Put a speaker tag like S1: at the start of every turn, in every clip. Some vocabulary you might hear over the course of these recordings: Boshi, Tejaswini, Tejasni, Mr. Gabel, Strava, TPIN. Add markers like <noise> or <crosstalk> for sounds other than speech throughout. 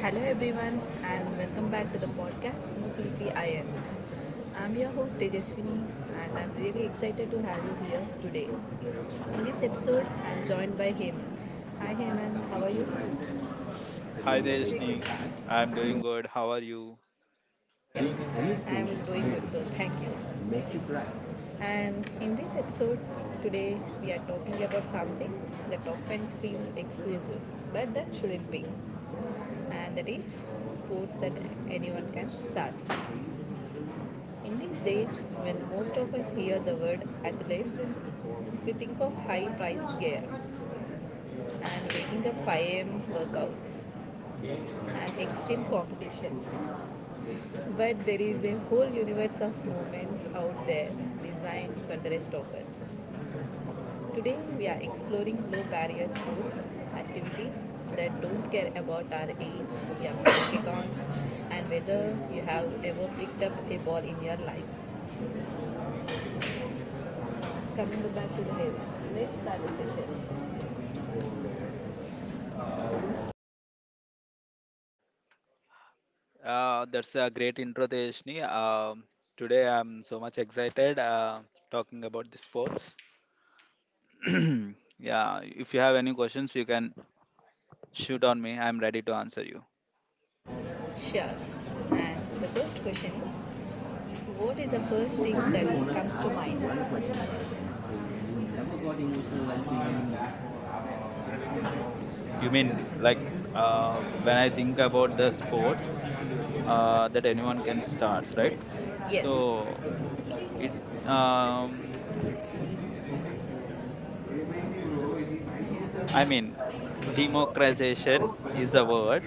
S1: Hello everyone and welcome back to the podcast TPIN. I'm your host Tejaswini and I'm really excited to have you here today. In this episode, I'm joined by Heyman. Hi Heyman, how are you?
S2: Hi Tejasni, I'm doing good. How are you?
S1: I'm doing good too, thank you. And in this episode, today we are talking about something that often feels exclusive, but that shouldn't be. And that is sports that anyone can start. In these days, when most of us hear the word athlete, we think of high priced gear and waking up 5 a.m. workouts and extreme competition. But there is a whole universe of movement out there designed for the rest of us. Today, we are exploring low barrier sports activities that don't care about our age, your <coughs> kick and whether you have ever picked up a ball in your life. Coming back to the table, let's start the session.
S2: That's a great intro, Tejasni. Today I'm so much excited talking about the sports. <clears throat> Yeah, if you have any questions, you can shoot on me. I'm ready to answer you.
S1: Sure. And the first question is, what is the first thing that comes to mind? Never got emotional while singing that.
S2: Um, you mean like when I think about the sports that anyone can start, right?
S1: Yes.
S2: So it um, I mean democratization is the word.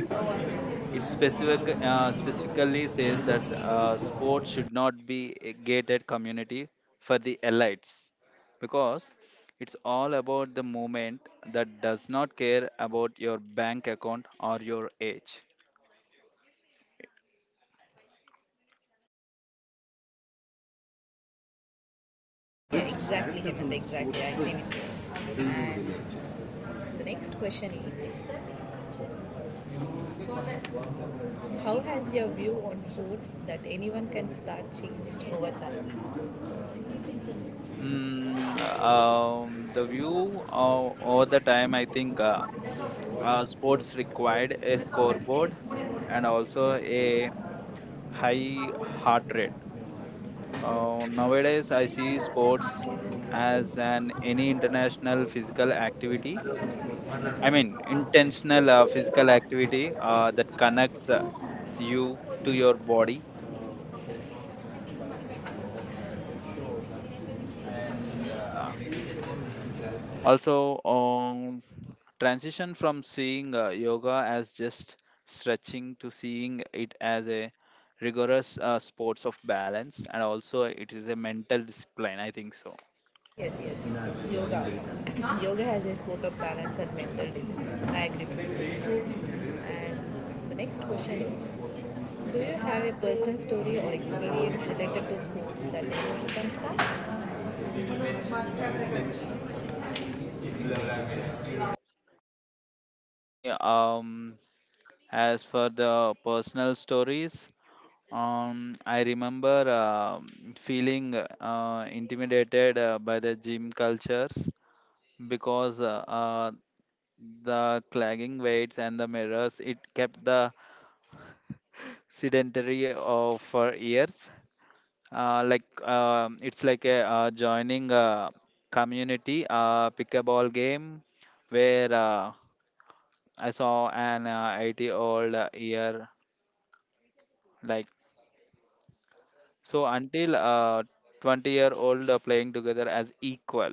S2: It specifically says that sports should not be a gated community for the elites, because it's all about the movement that does not care about your bank account or your age.
S1: Yeah, exactly, Hemant. Exactly. I agree with you. And the next question is, how has your view on sports that anyone can start changed over time?
S2: The view over the time, I think sports required a scoreboard and also a
S1: I
S2: high heart rate. Nowadays, I see sports as an any international physical activity. I
S1: mean,
S2: mean, intentional physical activity that connects you to
S1: in your
S2: your
S1: body.
S2: body. Uh, also, um, Transition from seeing yoga as just stretching to seeing it as a rigorous sports of balance, and also it is a mental discipline. I think so.
S1: Yes, yes. Yoga. <coughs> Yoga has a sport of balance and mental discipline. I agree with you. And the next question is, do you have a personal story or experience related to sports that important can start?
S2: Ni- Um, as for the personal stories, I remember feeling intimidated by the gym cultures, because the clagging weights and the mirrors it kept the sedentary of for years. Like it's like a joining a community pickleball game, where I saw an 80 old year like, so until 20-year-old playing together as equal.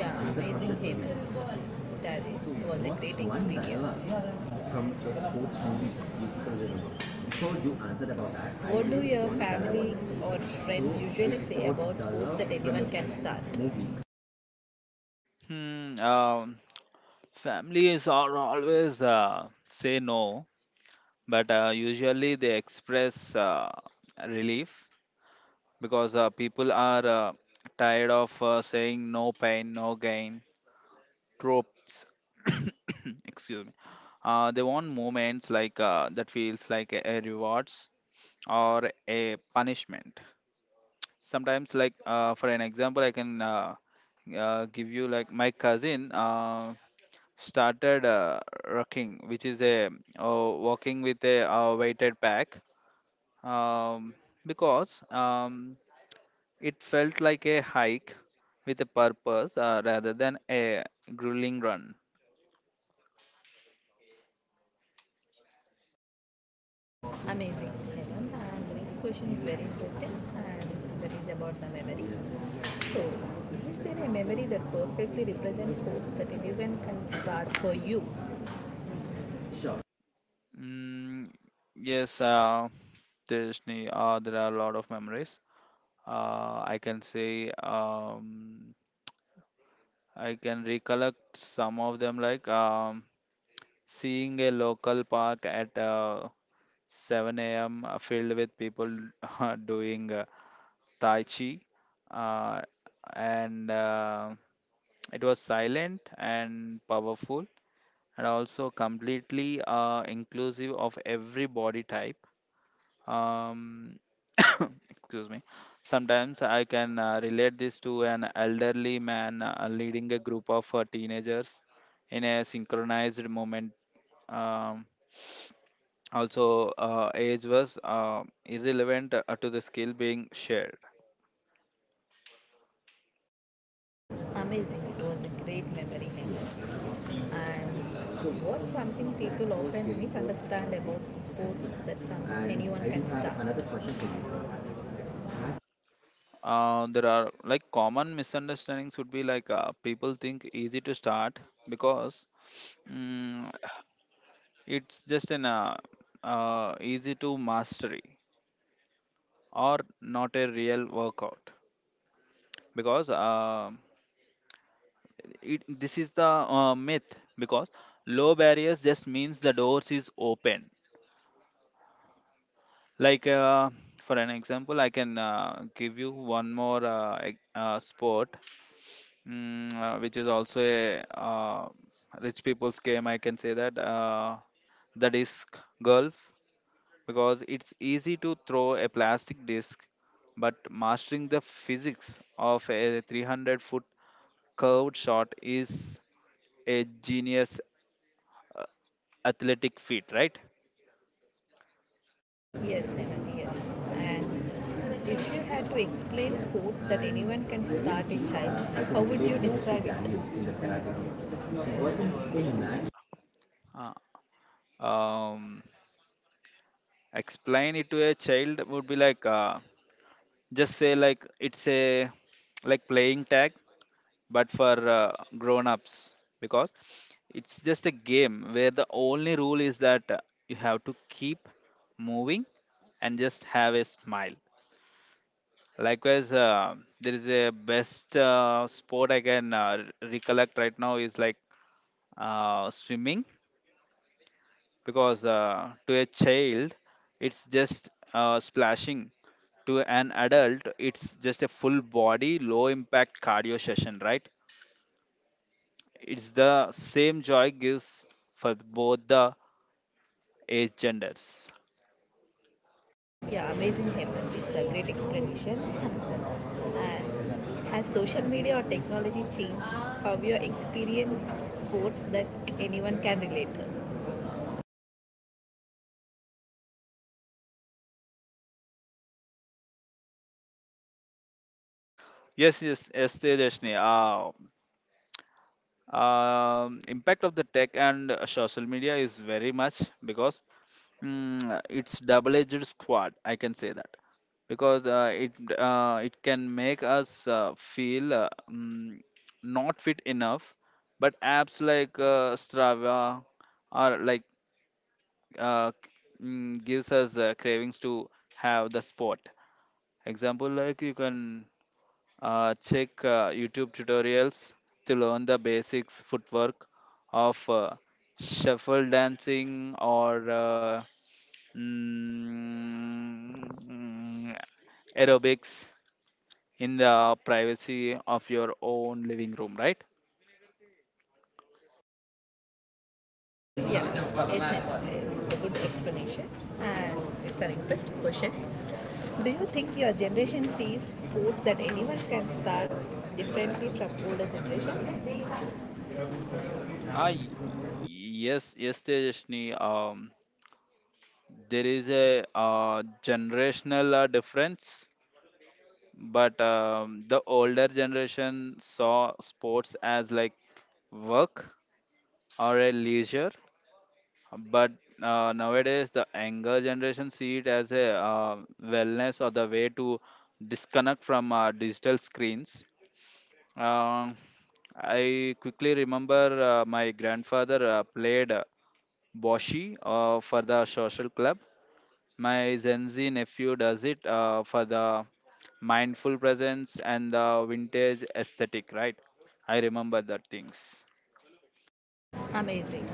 S1: Yeah, amazing question for Heyman. That is, so was a great experience. From the sports movie you. Before you answer about that, what do really your family or friends usually say about sports that anyone can start? Movie.
S2: Hmm, um, Families are always say no, but usually they express relief, because people are tired of saying no pain, no gain tropes. <coughs> Excuse me. They want moments like that feels like a rewards or a punishment. Sometimes, like for an example, I can give you like my cousin. Started rocking, which is a walking with a weighted pack, um, because it felt like a hike with a purpose rather than a grueling run.
S1: Amazing, Helen. And the next question is very interesting, and that is about the memory. So, is there a memory that perfectly represents sports that everyone can start for you? Sure.
S2: Mm, yes, Tejasni, there are a lot of memories. I can say I can recollect some of them, like seeing a local park at 7 a.m. Filled with people <laughs> doing Tai Chi. Uh, and It was silent and powerful and also completely inclusive of every body type. Um, <coughs> excuse me. Sometimes I can relate this to an elderly man leading a group of teenagers in a synchronized moment. um, Also, age was irrelevant to the skill being shared.
S1: Amazing. It was a great memory, Helen. And so, what's something people often misunderstand about sports anyone can start?
S2: There are like common misunderstandings would be like people think easy to start, because mm, it's just an easy to mastery or not a real workout, because this is the myth, because low barriers just means the doors is open. Like for an example, I can give you one more sport, which is also a rich people's game. I can say that the disc golf, because it's easy to throw a plastic disc, but mastering the physics of a 300-foot curved shot is a genius athletic feat, right?
S1: Yes, Hemant, yes. And if you had to explain sports that anyone can start a child, how would you describe it?
S2: Uh, um, Explain it to a child would be like. Just say like it's a like playing tag, but for grown ups, because it's just a game where the only rule is that you have to keep moving and just have a smile. Likewise, there is a best sport I can recollect right now is like swimming, because to a child it's just splashing, to an adult it's just a full body low impact cardio session, right? It's the same joy gives for both the age genders.
S1: Yeah, amazing him. It's a great explanation. And has social media or technology changed how you experience sports that anyone can relate to?
S2: Yes, yes, yes, Tejashni. Impact of the tech and social media is very much, because it's double-edged squad. I can say that, because it can make us feel not fit enough, but apps like strava are like uh, gives us cravings to have the spot. Example, like you can check youtube tutorials to learn the basics footwork of shuffle dancing or mm, aerobics in the privacy of your own living room, right?
S1: Yeah, it's a good explanation, and it's an interesting question. Do you think your generation sees sports that anyone can start differently from older generations?
S2: Ah, y- yes, yes, Tejashni. There is a generational difference, but the older generation saw sports as like work or a leisure, but nowadays the younger generation see it as a wellness or the way to disconnect from digital screens. Um, I quickly remember my grandfather played Boshi for the social club. My Gen Z nephew does it for the mindful presence and the vintage aesthetic, right? I remember that things.
S1: Amazing.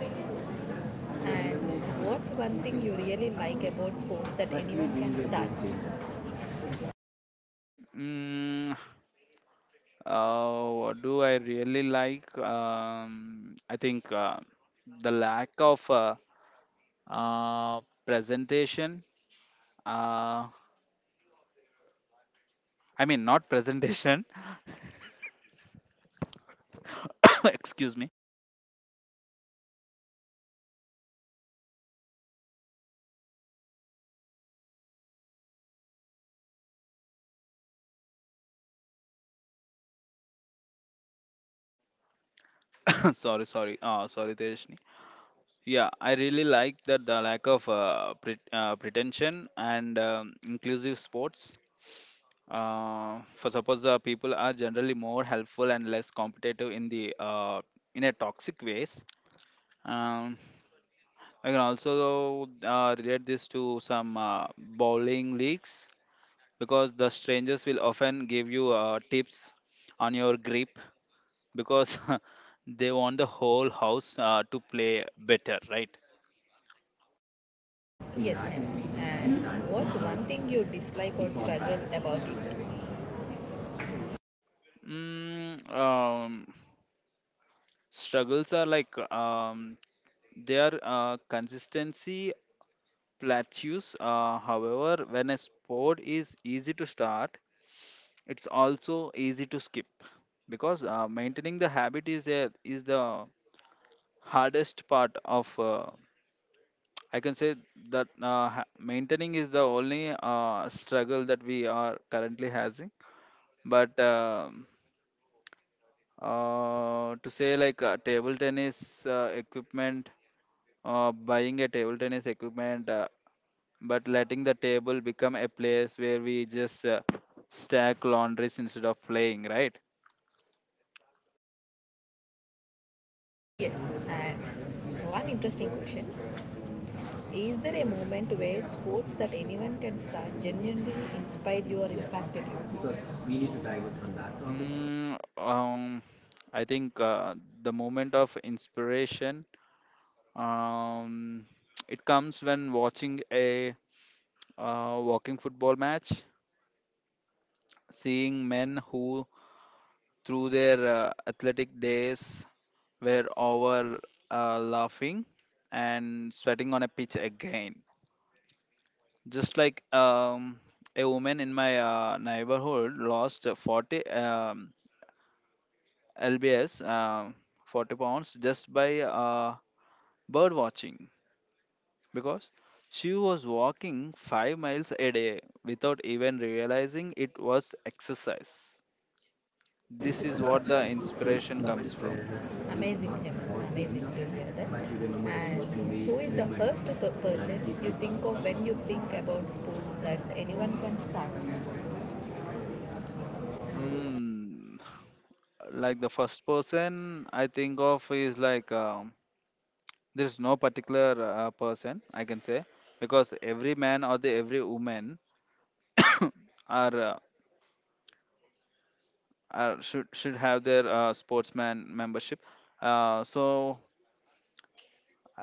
S1: And what's one thing you really like about sports that anyone can start?
S2: Mm, what do I really like? I think the lack of uh, presentation. Uh, I mean, not presentation. <coughs> Excuse me. <laughs> Sorry, sorry, Tejasni. Yeah, I really like that the lack of pretension and inclusive sports. For suppose the people are generally more helpful and less competitive in the in a toxic ways. Um, I can also relate this to some bowling leagues, because the strangers will often give you tips on your grip, because <laughs> they want the whole house to play better, right?
S1: Yes, M. And what's one thing you dislike or struggle about it?
S2: Mm, um, Struggles are like they are consistency plateaus. However, when a sport is easy to start, it's also easy to skip, because maintaining the habit is is the hardest part of. I can say that maintaining is the only struggle that we are currently having. But to say like table tennis equipment buying a table tennis equipment, but letting the table become a place where we just stack laundries instead of playing, right?
S1: Yes, and one interesting question. Is there a moment where sports that anyone can start genuinely inspired you or impacted you? Because we need to divert from that topic.
S2: Mm, um, I think the moment of inspiration, um, it comes when watching a walking football match, seeing men who through their athletic days were over, laughing and sweating on a pitch again, just like a woman in my neighborhood lost 40 lbs, 40 pounds just by bird watching, because she was walking 5 miles a day without even realizing it was exercise. This is what the inspiration comes from.
S1: Amazing, M. Amazing to hear that. And who is the first person you think of when you think about sports that anyone can start?
S2: mm, like the first person I think of is like, there is no particular person I can say, because every man or the every woman are, uh, are should have their sportsman membership. So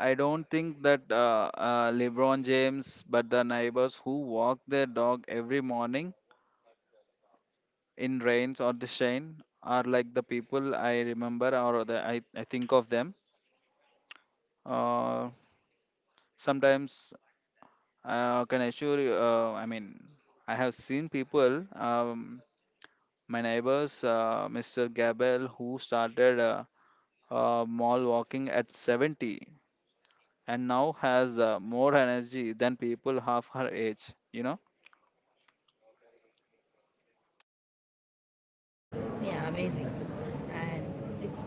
S2: I don't think that lebron james, but the neighbors who walk their dog every morning in rains or the shine are like the people I remember or I think of them uh, sometimes. Can I assure you, I mean, I have seen people. My neighbors, Mr. Gabel, who started mall walking at 70 and now has more energy than people half her age, you know.
S1: Yeah, amazing. And it's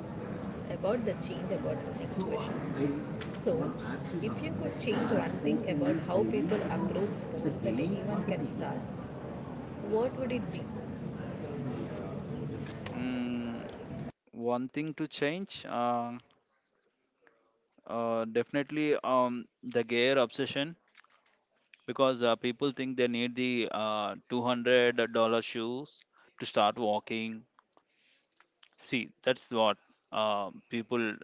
S1: about the change about the next question. So, if you could change one thing about how people approach sports that anyone can start, what would it be?
S2: Mm, One thing to change, definitely the gear obsession, because people think they need the $200 shoes to start walking. See, that's what people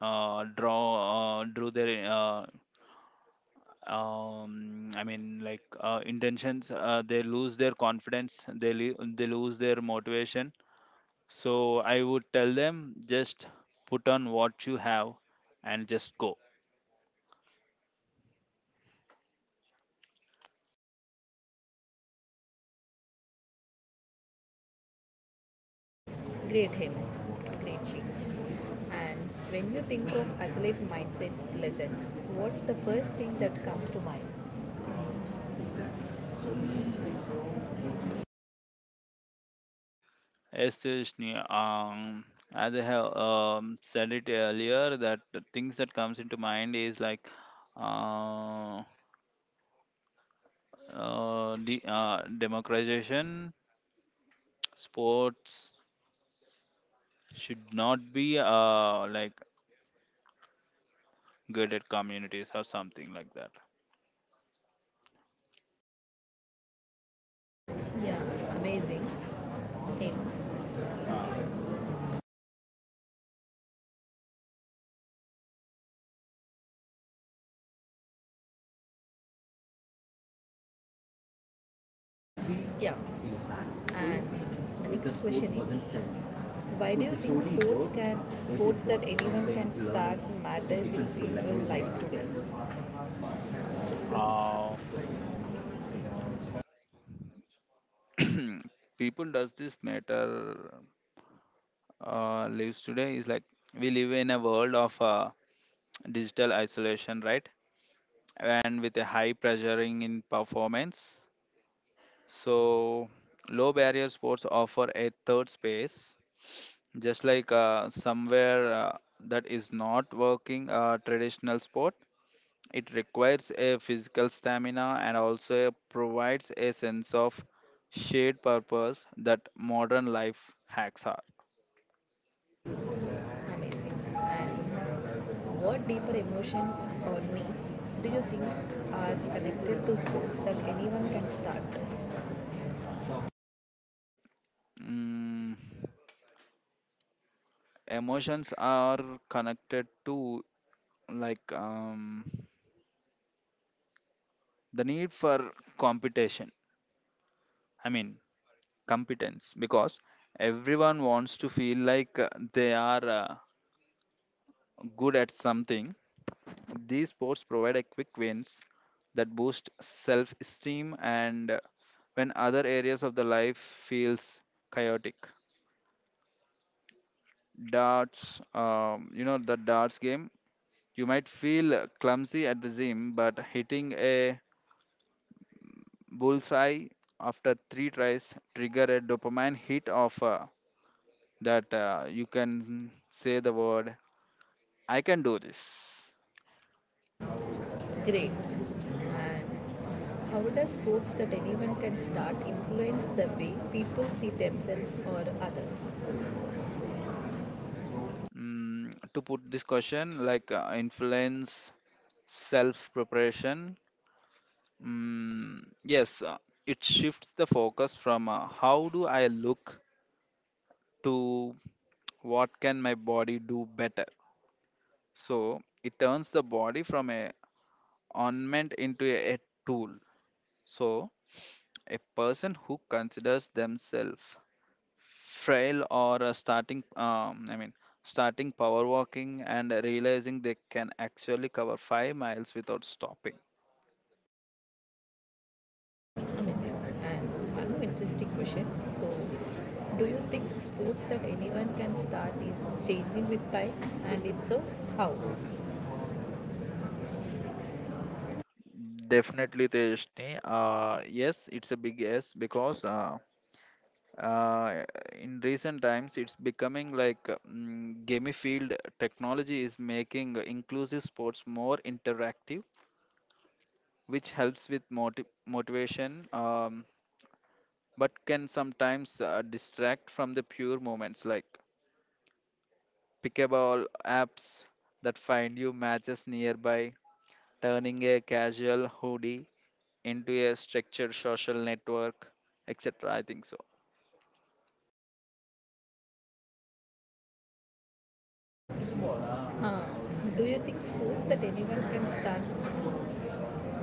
S2: draw drew their I mean like intentions, they lose their confidence, they lose their motivation. So I would tell them just put on what you have and just go.
S1: Great, Hemant. Great change. And when you think of athlete mindset lessons, what's the first thing that comes to mind?
S2: Yes, Srishni, as I have said it earlier that the things that comes into mind is like uh, democratization. Sports should not be like gated communities or something like that.
S1: Yeah, amazing, Hemant. Yeah. And the next question is, why do you think sports can sports that anyone can start matters in people's lives today?
S2: uh, <clears throat> People does this matter lives today is like we live in a world of digital isolation, right? And with a high pressuring in performance. So low barrier sports offer a third space, just like somewhere that is not working a traditional sport. It requires a physical stamina and also provides a sense of shared purpose that modern life hacks are.
S1: Amazing. And what deeper emotions or needs do you think are connected to sports that anyone can start?
S2: Mm, Emotions are connected to, like the need for competition. I mean competence, because everyone wants to feel like they are good at something. These sports provide a quick wins that boost self-esteem, and when other areas of the life feels chaotic, darts, you know the darts game, you might feel clumsy at the gym, but hitting a bullseye after three tries trigger a dopamine hit of that you can say the word, I can do this.
S1: Great. And how does sports that anyone can start influence the way people see themselves or others?
S2: To put this question like influence self preparation. mm, yes, it shifts the focus from how do I look to what can my body do better. So it turns the body from a ornament into a tool. So a person who considers themselves frail or a starting, I mean, starting power walking and realizing they can actually cover 5 miles without stopping.
S1: Amazing. And one more interesting question. So, do you think sports that anyone can start is changing with time? And if so, how?
S2: Definitely, Tejashni. Yes, it's a big yes because uh, in recent times it's becoming like gamified. Technology is making inclusive sports more interactive, which helps with motivation, but can sometimes distract from the pure moments, like pickable apps that find you matches nearby, turning a casual hoodie into a structured social network, etc. I think so.
S1: Uh, do you think sports that anyone can start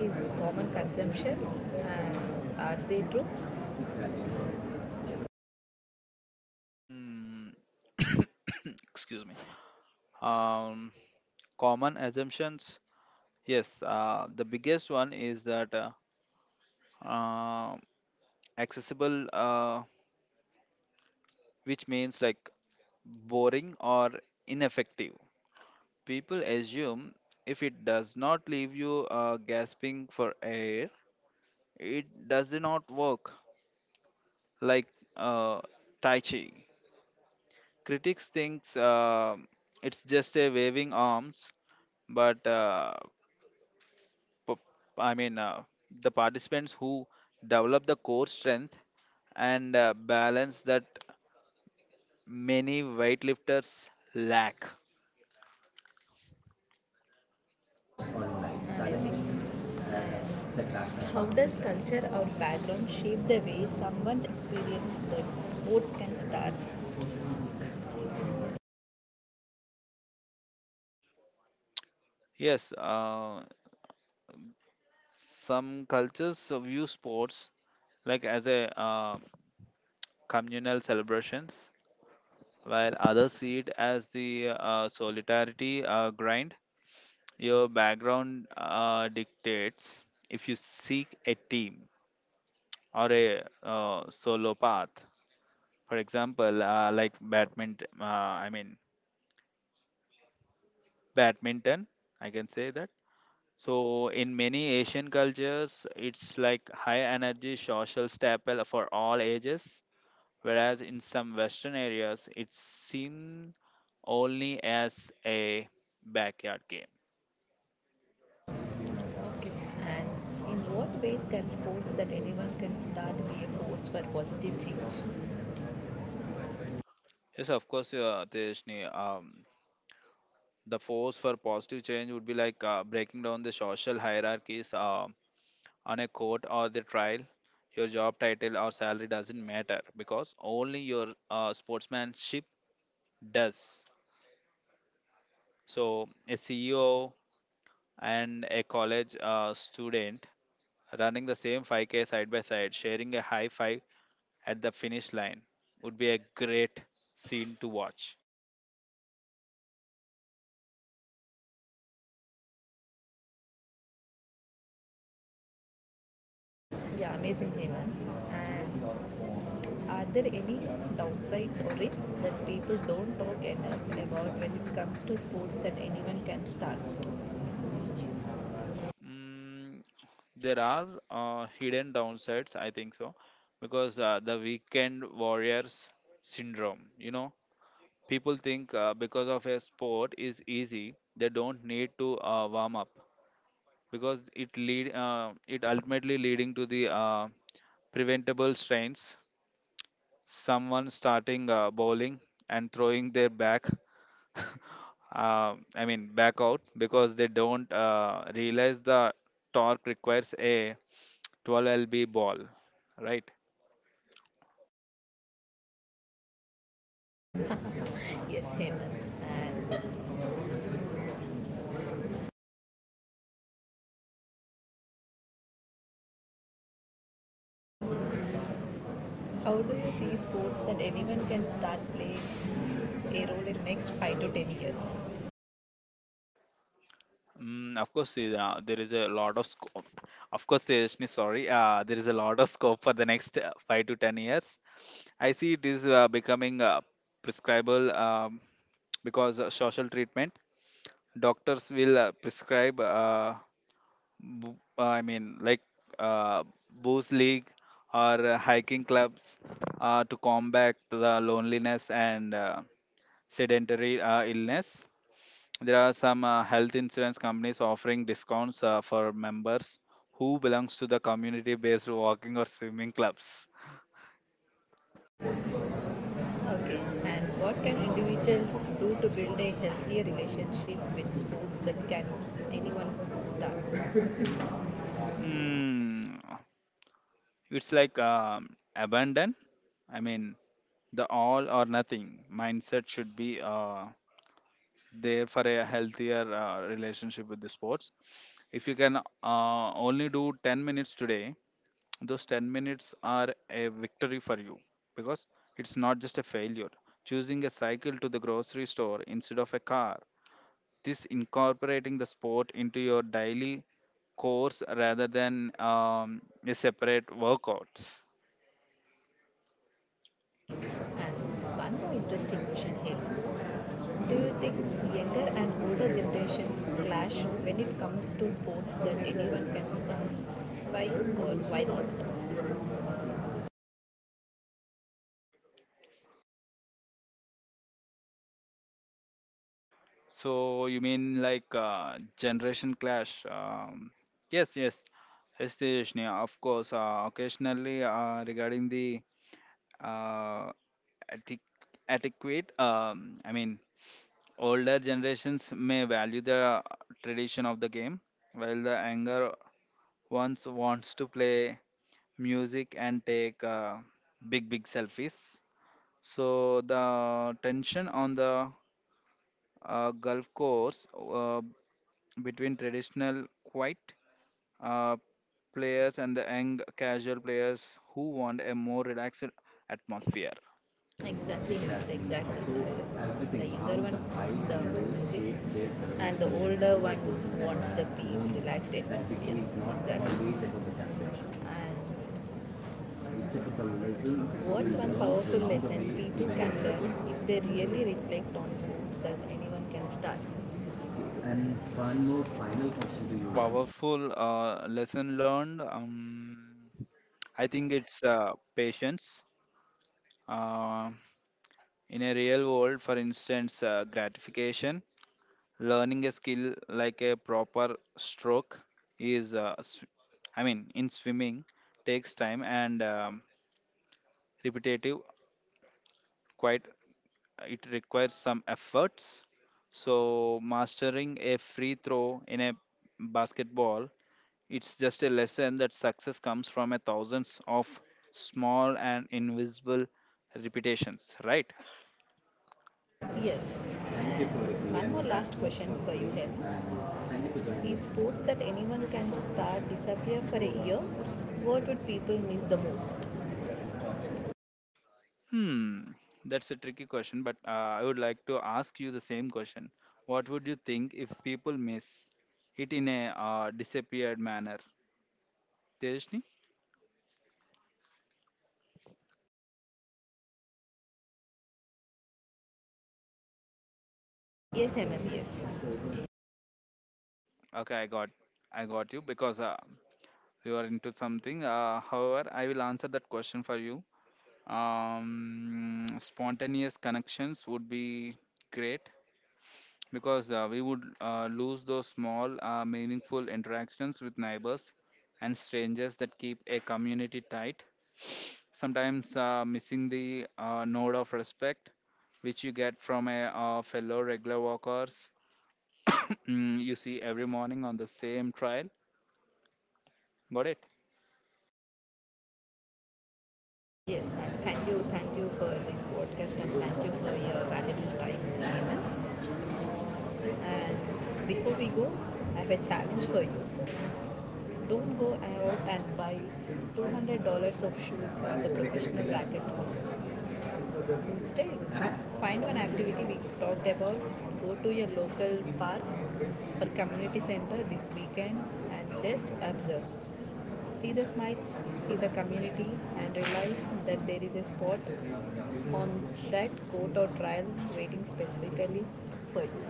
S1: is common consumption? And are they true?
S2: Hmm. <coughs> Excuse me. um Common assumptions, yes, the biggest one is that uh, accessible, which means like boring or ineffective. People assume if it does not leave you gasping for air, it does not work. Like, uh, tai chi, critics thinks it's just a waving arms, but p- I mean the participants who develop the core strength and balance that many weightlifters lack.
S1: Sports online, suddenly amazing. It's a class. How does culture or background shape the way someone's experience that sports can start?
S2: Yes, some cultures view sports like as a communal celebrations, while others see it as the solidarity grind. Your background dictates if you seek a team or a solo path. For example, like badminton, I can say that. So in many Asian cultures, it's like high energy social staple for all ages, whereas in some Western areas, it's seen only as a backyard game.
S1: Okay. And in what ways can sports that anyone can start be a force for positive change?
S2: Yes, of course, Tejasni. The force for positive change would be like breaking down the social hierarchies on a court or the trial. Your job title or salary doesn't matter because only your sportsmanship does. So, a CEO and a college student running the same 5K side by side, sharing a high five at the finish line would be a great scene to watch.
S1: Yeah, amazing, Hemant. And are there any downsides or risks that people don't talk enough about when it comes to sports that anyone can start?
S2: Mm, there are hidden downsides, I think so, because the weekend warriors syndrome, you know, people think because of a sport is easy, they don't need to warm up because it ultimately leading to the preventable strains. Someone starting bowling and throwing their back I mean back out because they don't realize the torque requires a 12 lb ball, right?
S1: Yes, Hemant. And how do you see sports that anyone can start playing a role in next 5 to 10 years?
S2: Mm, of course there is a lot of scope of course Tejasni, sorry, there is a lot of scope for the next 5 to 10 years. I see it is becoming prescribable, because social treatment, doctors will prescribe, bo- uh, I mean, like uh, booze league or hiking clubs to combat the loneliness and sedentary illness. There are some health insurance companies offering discounts for members who belongs to the community-based walking or swimming clubs.
S1: Okay, and what can individual do to build a healthier relationship with sports that can anyone start?
S2: Mm, it's like abandon. I mean, the all or nothing mindset should be there for a healthier relationship with the sports. If you can only do 10 minutes today, those 10 minutes are a victory for you, because it's not just a failure. Choosing a cycle to the grocery store instead of a car, this incorporating the sport into your daily course rather than a separate workouts.
S1: And one more interesting question here. Do you think younger and older generations clash when it comes to sports that anyone can start? Why or why not?
S2: So you mean like generation clash? Yes, yes, yes, Tejasni, of course. Occasionally, regarding the uh, adequ- adequate, older generations may value the tradition of the game, while the younger ones wants to play music and take big, big selfies. So the tension on the golf course, between traditional quiet uh, players and the young casual players who want a more relaxed atmosphere.
S1: Exactly, not exactly. The younger one wants the music and the older one wants the peace, relaxed atmosphere. Exactly. And what's one powerful lesson people can learn if they really reflect on sports that anyone can start? And one more final question to you.
S2: Powerful lesson learned. I think it's patience. Uh, in a real world, for instance, gratification, learning a skill like a proper stroke is, sw- I mean, in swimming, takes time and repetitive, quite, it requires some efforts. So, mastering a free throw in a basketball, it's just a lesson that success comes from a thousands of small and invisible repetitions, right?
S1: Yes. Thank you for — one more last question for you, Dev. And thank you for joining. Is sports that anyone can start disappear for a year? What would people miss the most?
S2: Hmm, that's a tricky question, but I would like to ask you the same question. What would you think if people miss it in a disappeared manner? Tejasni?
S1: Yes, Hemant, yes.
S2: Okay, I got you because you are into something. However, I will answer that question for you. Spontaneous connections would be great because we would lose those small, meaningful interactions with neighbors and strangers that keep a community tight. Sometimes missing the node of respect, which you get from a fellow regular walkers <coughs> mm, you see every morning on the same trail. Got it?
S1: Yes, and thank you for this podcast and thank you for your valuable time, Hemant. And before we go, I have a challenge for you. Don't go out and buy $200 of shoes for the professional racquetball. Instead, find one activity we talked about. Go to your local park or community center this weekend and just observe. See the smiles, see the community, and realize that there is a spot on that court or trial waiting specifically for you.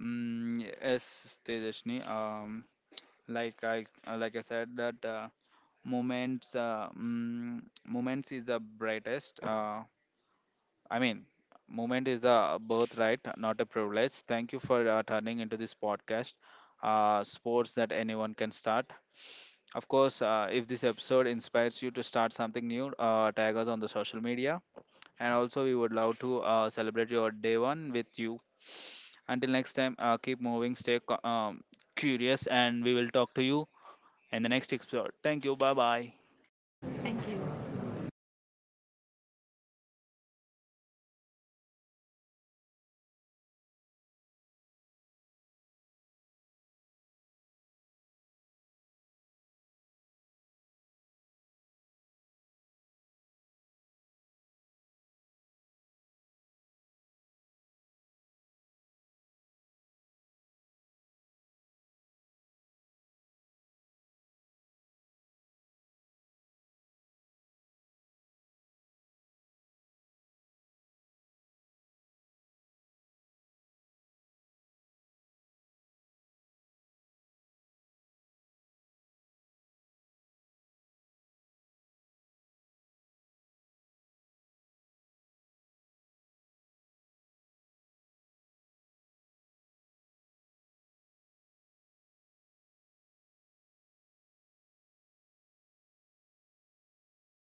S2: Mm, yes, Tejashni. Like I said that moments uh, mm, moments is the brightest, i mean moment is a birthright, not a privilege. Thank you for turning into this podcast, sports that anyone can start. Of course, if this episode inspires you to start something new, tag us on the social media, and also we would love to celebrate your day one with you. Until next time, keep moving, stay curious, and we will talk to you in the next episode. Thank you. Bye bye.
S1: Thank you.